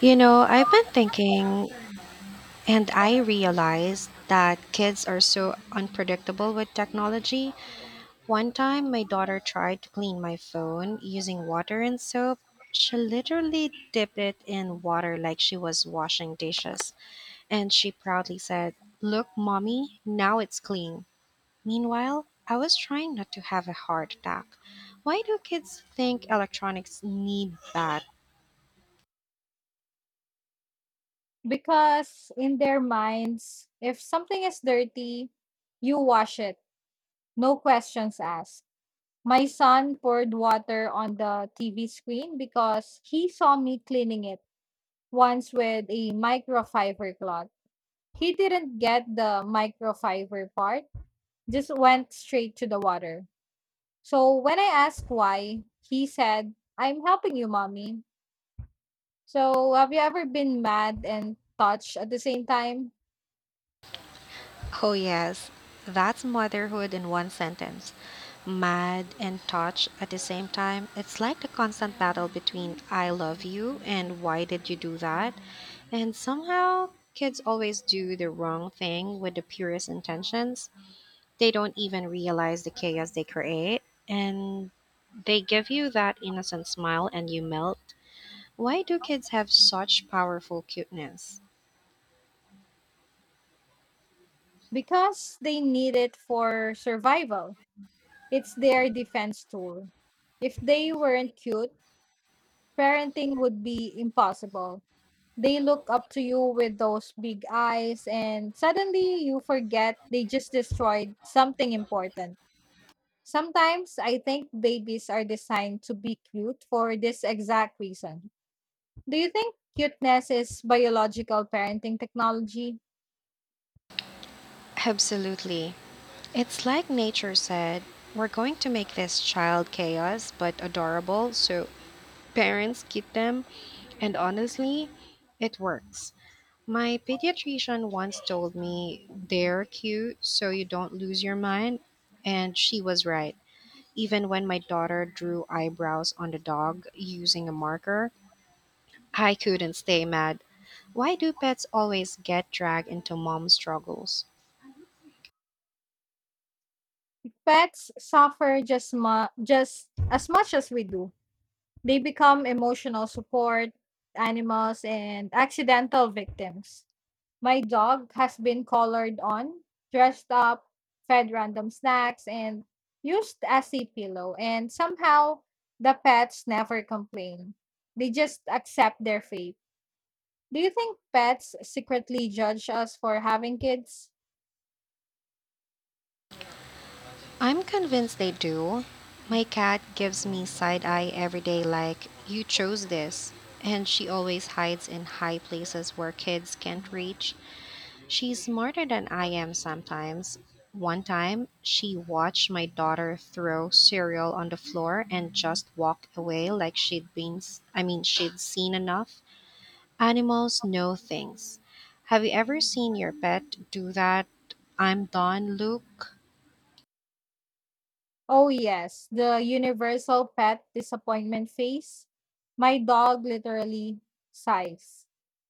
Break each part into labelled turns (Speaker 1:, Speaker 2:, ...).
Speaker 1: You know, I've been thinking, and I realized that kids are so unpredictable with technology. One time, my daughter tried to clean my phone using water and soap. She literally dipped it in water like she was washing dishes, and she proudly said, Look, mommy, now it's clean. Meanwhile, I was trying not to have a heart attack. Why do kids think electronics need that?
Speaker 2: Because in their minds, if something is dirty, you wash it, no questions asked. My son poured water on the TV screen because he saw me cleaning it once with a microfiber cloth. He didn't get the microfiber part, just went straight to the water. So when I asked why, he said, I'm helping you, mommy. So have you ever been mad and touched at the same time?
Speaker 1: Oh, yes, that's motherhood in one sentence. Mad and touched at the same time. It's like the constant battle between I love you and why did you do that? And somehow, kids always do the wrong thing with the purest intentions. They don't even realize the chaos they create, and they give you that innocent smile and you melt. Why do kids have such powerful cuteness?
Speaker 2: Because they need it for survival. It's their defense tool. If they weren't cute, parenting would be impossible. They look up to you with those big eyes, and suddenly you forget they just destroyed something important. Sometimes I think babies are designed to be cute for this exact reason. Do you think cuteness is biological parenting technology?
Speaker 1: Absolutely. It's like nature said, we're going to make this child chaos but adorable, so parents keep them. And honestly, it works. My pediatrician once told me they're cute so you don't lose your mind, and she was right. Even when my daughter drew eyebrows on the dog using a marker, I couldn't stay mad. Why do pets always get dragged into mom struggles?
Speaker 2: Pets suffer just as much as we do. They become emotional support animals and accidental victims. My dog has been collared on, dressed up, fed random snacks, and used as a pillow. And somehow, the pets never complain. They just accept their fate. Do you think pets secretly judge us for having kids?
Speaker 1: I'm convinced they do. My cat gives me side eye every day, like, you chose this. And she always hides in high places where kids can't reach. She's smarter than I am sometimes. One time, she watched my daughter throw cereal on the floor and just walked away like I mean, she'd seen enough. Animals know things. Have you ever seen your pet do that? I'm done, Luke.
Speaker 2: Oh, yes, the universal pet disappointment face. My dog literally sighs,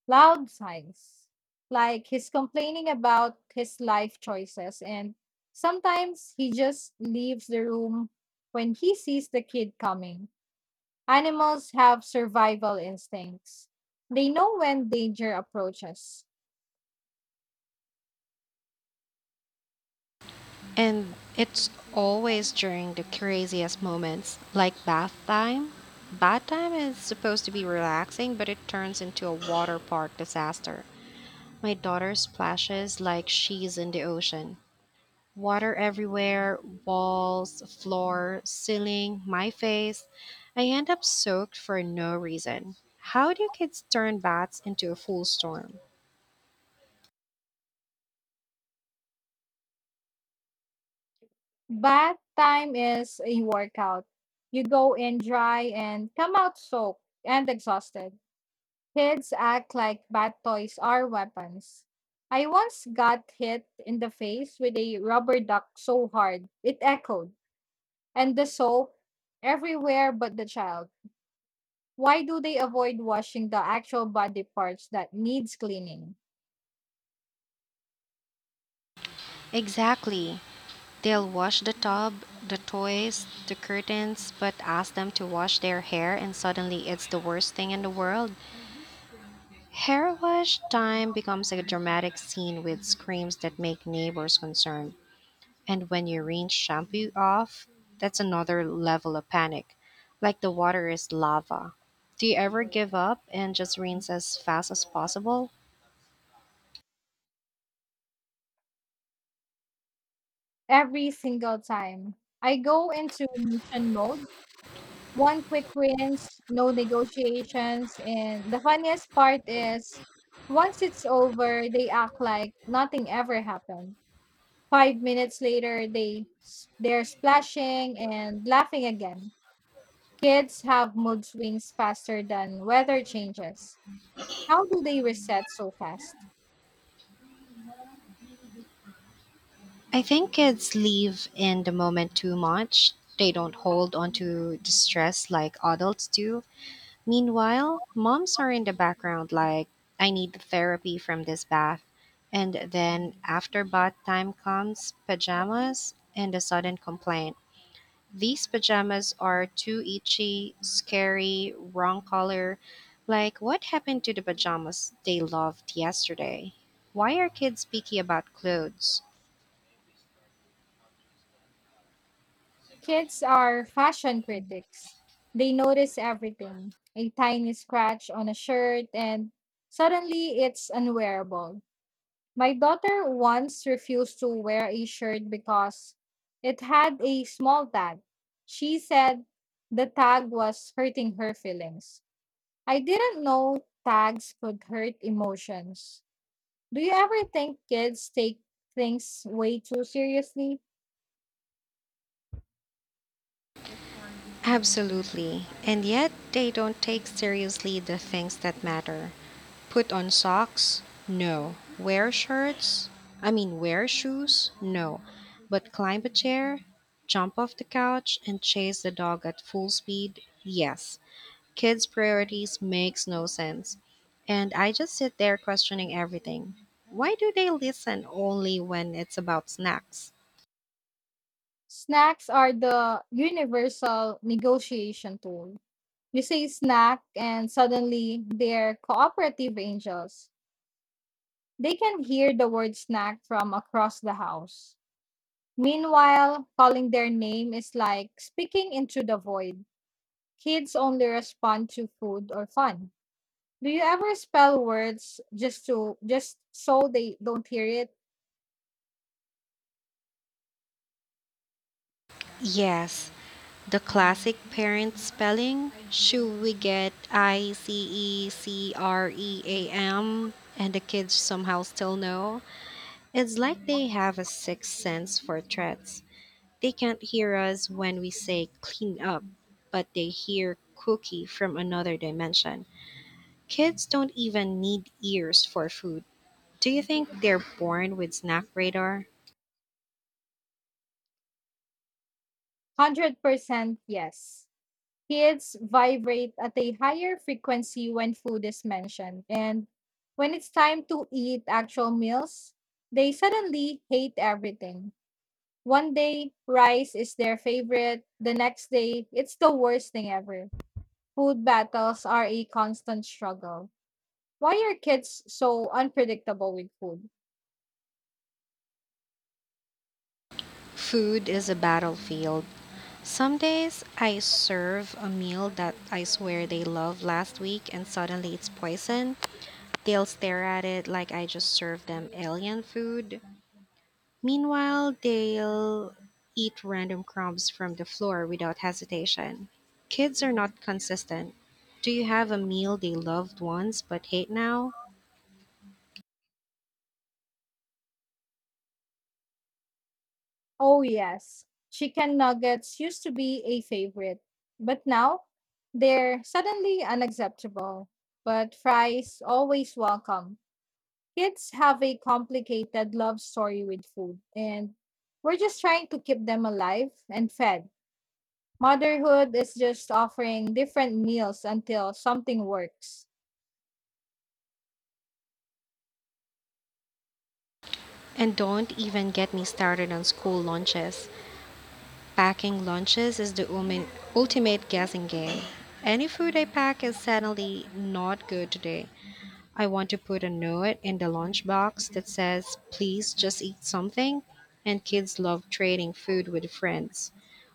Speaker 2: loud sighs, like he's complaining about his life choices. And sometimes he just leaves the room when he sees the kid coming. Animals have survival instincts, they know when danger approaches.
Speaker 1: And it's always during the craziest moments, like bath time. Bath time is supposed to be relaxing, but it turns into a water park disaster. My daughter splashes like she's in the ocean. Water everywhere, walls, floor, ceiling, my face. I end up soaked for no reason. How do kids turn baths into a full storm?
Speaker 2: Bath time is a workout. You go in dry and come out soaked and exhausted. Kids act like bad toys are weapons. I once got hit in the face with a rubber duck so hard it echoed, and the soap everywhere but the child. Why do they avoid washing the actual body parts that needs cleaning?
Speaker 1: Exactly. They'll wash the tub, the toys, the curtains, but ask them to wash their hair, and suddenly it's the worst thing in the world. Hair wash time becomes a dramatic scene with screams that make neighbors concerned. And when you rinse shampoo off, that's another level of panic. Like the water is lava. Do you ever give up and just rinse as fast as possible?
Speaker 2: Every single time I go into mission mode, one quick rinse, no negotiations, and the funniest part is once it's over, they act like nothing ever happened. 5 minutes later, they're splashing and laughing again. Kids have mood swings faster than weather changes. How do they reset so fast?
Speaker 1: I think kids live in the moment too much. They don't hold on to distress like adults do. Meanwhile, moms are in the background like, I need therapy from this bath. And then, after bath time comes pajamas and a sudden complaint. These pajamas are too itchy, scary, wrong color. Like, what happened to the pajamas they loved yesterday? Why are kids picky about clothes?
Speaker 2: Kids are fashion critics. They notice everything. A tiny scratch on a shirt and suddenly it's unwearable. My daughter once refused to wear a shirt because it had a small tag. She said the tag was hurting her feelings. I didn't know tags could hurt emotions. Do you ever think kids take things way too seriously?
Speaker 1: Absolutely. And yet, they don't take seriously the things that matter. Put on socks? No. Wear shirts? I mean, wear shoes? No. But climb a chair, jump off the couch, and chase the dog at full speed? Yes. Kids' priorities makes no sense. And I just sit there questioning everything. Why do they listen only when it's about snacks?
Speaker 2: Snacks are the universal negotiation tool. You say snack, and suddenly they're cooperative angels. They can hear the word snack from across the house. Meanwhile, calling their name is like speaking into the void. Kids only respond to food or fun. Do you ever spell words just so they don't hear it?
Speaker 1: Yes, the classic parent spelling, should we get ICECREAM, and the kids somehow still know? It's like they have a sixth sense for threats. They can't hear us when we say clean up, but they hear cookie from another dimension. Kids don't even need ears for food. Do you think they're born with snack radar?
Speaker 2: 100% yes. Kids vibrate at a higher frequency when food is mentioned. And when it's time to eat actual meals, they suddenly hate everything. One day, rice is their favorite. The next day, it's the worst thing ever. Food battles are a constant struggle. Why are kids so unpredictable with food?
Speaker 1: Food is a battlefield. Some days I serve a meal that I swear they loved last week and suddenly it's poison. They'll stare at it like I just served them alien food. Meanwhile, they'll eat random crumbs from the floor without hesitation. Kids are not consistent. Do you have a meal they loved once but hate now?
Speaker 2: Oh, yes. Chicken nuggets used to be a favorite, but now they're suddenly unacceptable. But fries always welcome. Kids have a complicated love story with food, and we're just trying to keep them alive and fed. Motherhood is just offering different meals until something works.
Speaker 1: And don't even get me started on school lunches. Packing lunches is the ultimate guessing game. Any food I pack is suddenly not good today. I want to put a note in the lunchbox that says, please just eat something. And kids love trading food with friends.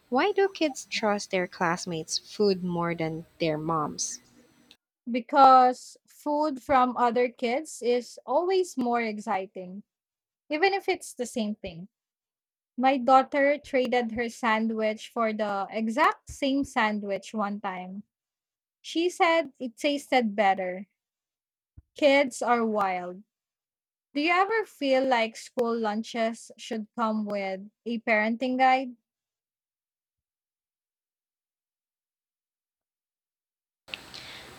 Speaker 1: Why do kids trust their classmates' food more than their moms?
Speaker 2: Because food from other kids is always more exciting, even if it's the same thing. My daughter traded her sandwich for the exact same sandwich one time. She said it tasted better. Kids are wild. Do you ever feel like school lunches should come with a parenting guide?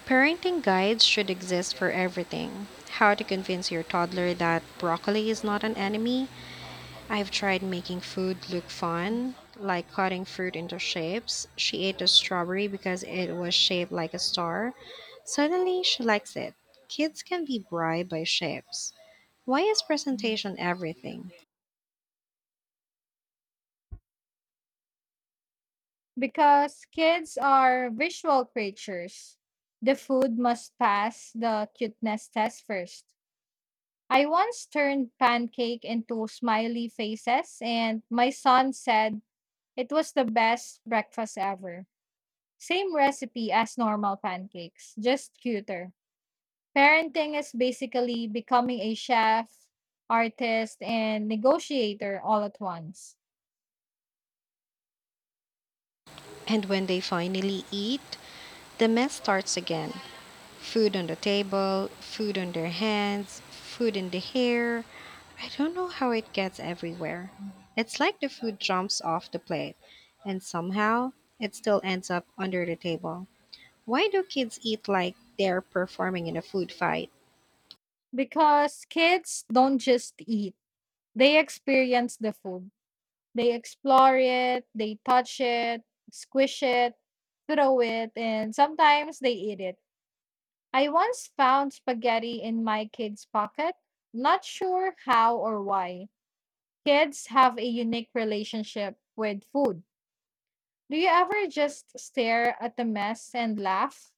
Speaker 1: Parenting guides should exist for everything. How to convince your toddler that broccoli is not an enemy, I've tried making food look fun, like cutting fruit into shapes. She ate a strawberry because it was shaped like a star. Suddenly, she likes it. Kids can be bribed by shapes. Why is presentation everything?
Speaker 2: Because kids are visual creatures. The food must pass the cuteness test first. I once turned pancake into smiley faces, and my son said it was the best breakfast ever. Same recipe as normal pancakes, just cuter. Parenting is basically becoming a chef, artist, and negotiator all at once.
Speaker 1: And when they finally eat, the mess starts again. Food on the table, food on their hands, food in the hair. I don't know how it gets everywhere. It's like the food jumps off the plate, and somehow it still ends up under the table. Why do kids eat like they're performing in a food fight?
Speaker 2: Because kids don't just eat, they experience the food. They explore it, they touch it, squish it, throw it, and sometimes they eat it. I once found spaghetti in my kid's pocket. Not sure how or why. Kids have a unique relationship with food. Do you ever just stare at the mess and laugh?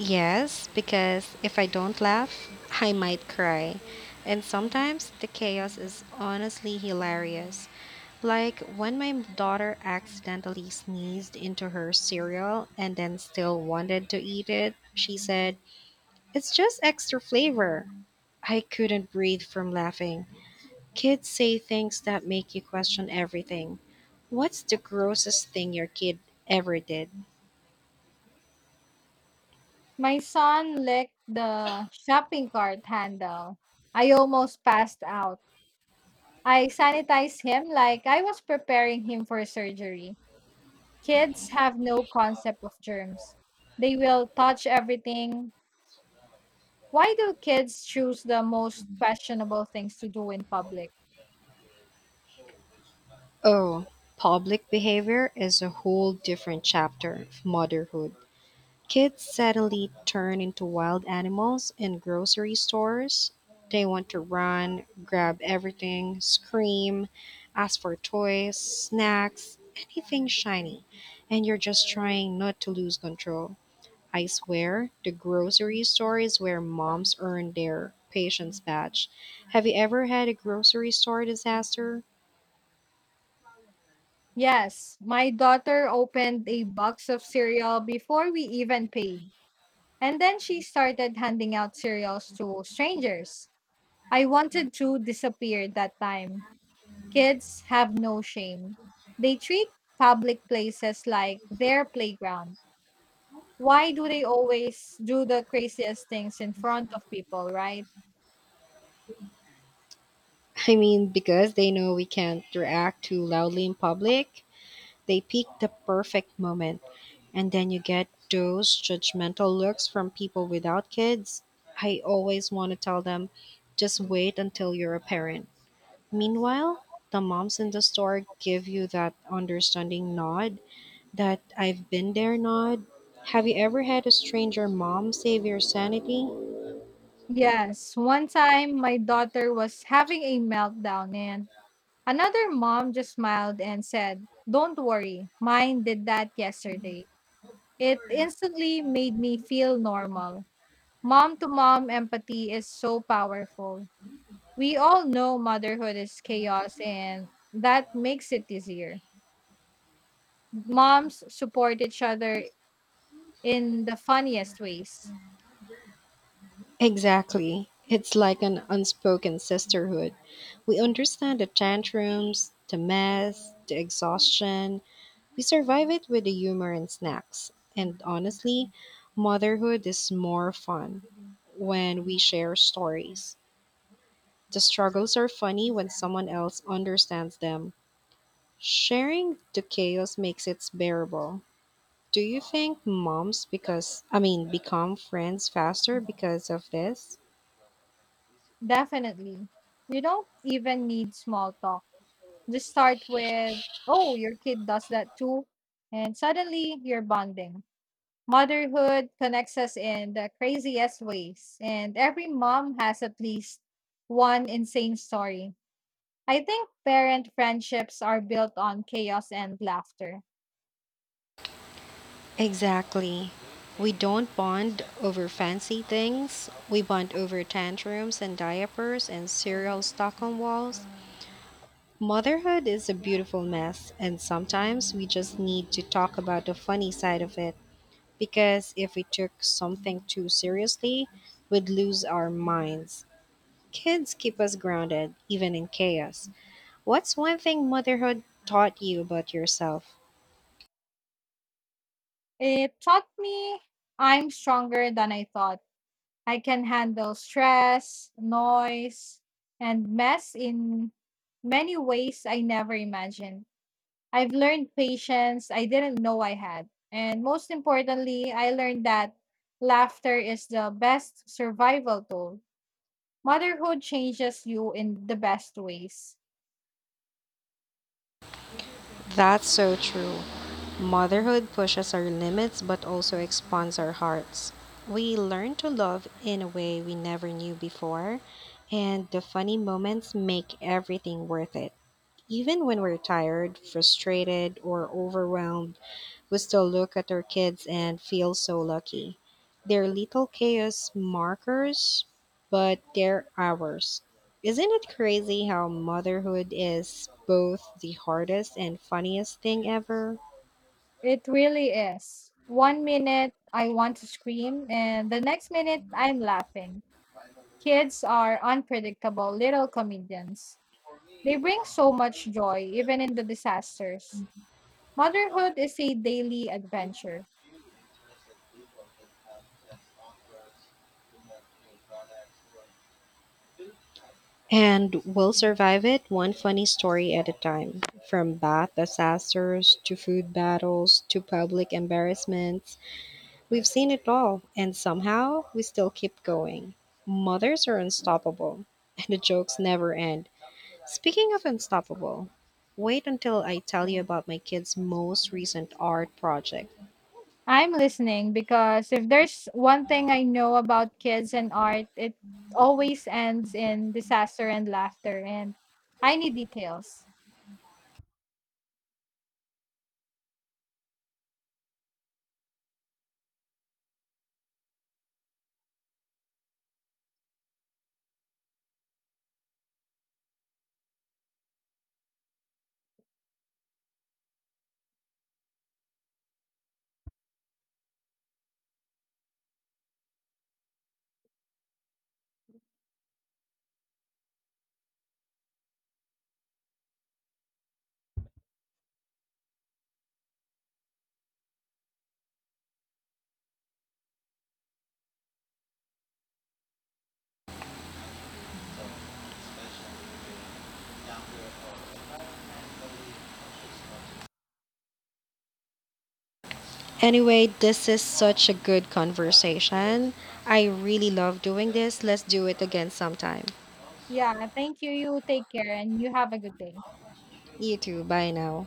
Speaker 1: Yes, because if I don't laugh, I might cry. And sometimes the chaos is honestly hilarious. Like when my daughter accidentally sneezed into her cereal and then still wanted to eat it, she said, It's just extra flavor. I couldn't breathe from laughing. Kids say things that make you question everything. What's the grossest thing your kid ever did?
Speaker 2: My son licked the shopping cart handle. I almost passed out. I sanitized him like I was preparing him for surgery. Kids have no concept of germs. They will touch everything. Why do kids choose the most questionable things to do in public?
Speaker 1: Oh, public behavior is a whole different chapter of motherhood. Kids suddenly turn into wild animals in grocery stores. They want to run, grab everything, scream, ask for toys, snacks, anything shiny. And you're just trying not to lose control. I swear, the grocery store is where moms earn their patience badge. Have you ever had a grocery store disaster?
Speaker 2: Yes, my daughter opened a box of cereal before we even paid. And then she started handing out cereals to strangers. I wanted to disappear that time. Kids have no shame. They treat public places like their playground. Why do they always do the craziest things in front of people, right?
Speaker 1: I mean, because they know we can't react too loudly in public, they pick the perfect moment. And then you get those judgmental looks from people without kids. I always want to tell them, just wait until you're a parent. Meanwhile, the moms in the store give you that understanding nod, that I've been there nod. Have you ever had a stranger mom save your sanity?
Speaker 2: Yes, one time my daughter was having a meltdown and... Another mom just smiled and said, Don't worry, mine did that yesterday. It instantly made me feel normal. Mom to mom empathy is so powerful. We all know motherhood is chaos, and that makes it easier. Moms support each other in the funniest ways.
Speaker 1: Exactly. It's like an unspoken sisterhood. We understand the tantrums, the mess, the exhaustion. We survive it with the humor and snacks. And honestly, motherhood is more fun when we share stories. The struggles are funny when someone else understands them. Sharing the chaos makes it bearable. Do you think moms because I mean become friends faster because of this?
Speaker 2: Definitely. You don't even need small talk. Just start with, Oh, your kid does that too. And suddenly you're bonding. Motherhood connects us in the craziest ways, and every mom has at least one insane story. I think parent friendships are built on chaos and laughter.
Speaker 1: Exactly. We don't bond over fancy things. We bond over tantrums and diapers and cereal serial on walls. Motherhood is a beautiful mess, and sometimes we just need to talk about the funny side of it because if we took something too seriously, we'd lose our minds. Kids keep us grounded, even in chaos. What's one thing motherhood taught you about yourself?
Speaker 2: It taught me I'm stronger than I thought. I can handle stress, noise, and mess in many ways I never imagined. I've learned patience I didn't know I had. And most importantly, I learned that laughter is the best survival tool. Motherhood changes you in the best ways.
Speaker 1: That's so true. Motherhood pushes our limits but also expands our hearts. We learn to love in a way we never knew before, and the funny moments make everything worth it. Even when we're tired, frustrated, or overwhelmed, we still look at our kids and feel so lucky. They're little chaos markers, but they're ours. Isn't it crazy how motherhood is both the hardest and funniest thing ever?
Speaker 2: It really is. One minute I want to scream, and the next minute I'm laughing. Kids are unpredictable little comedians. They bring so much joy, even in the disasters. Motherhood is a daily adventure.
Speaker 1: And we'll survive it one funny story at a time, from bath disasters to food battles to public embarrassments. We've seen it all, and somehow we still keep going. Mothers are unstoppable, and the jokes never end. Speaking of unstoppable, wait until I tell you about my kids' most recent art project.
Speaker 2: I'm listening because if there's one thing I know about kids and art, it always ends in disaster and laughter, and I need details.
Speaker 1: Anyway, this is such a good conversation. I really love doing this. Let's do it again sometime.
Speaker 2: Yeah, thank you. You take care and you have a good day.
Speaker 1: You too. Bye now.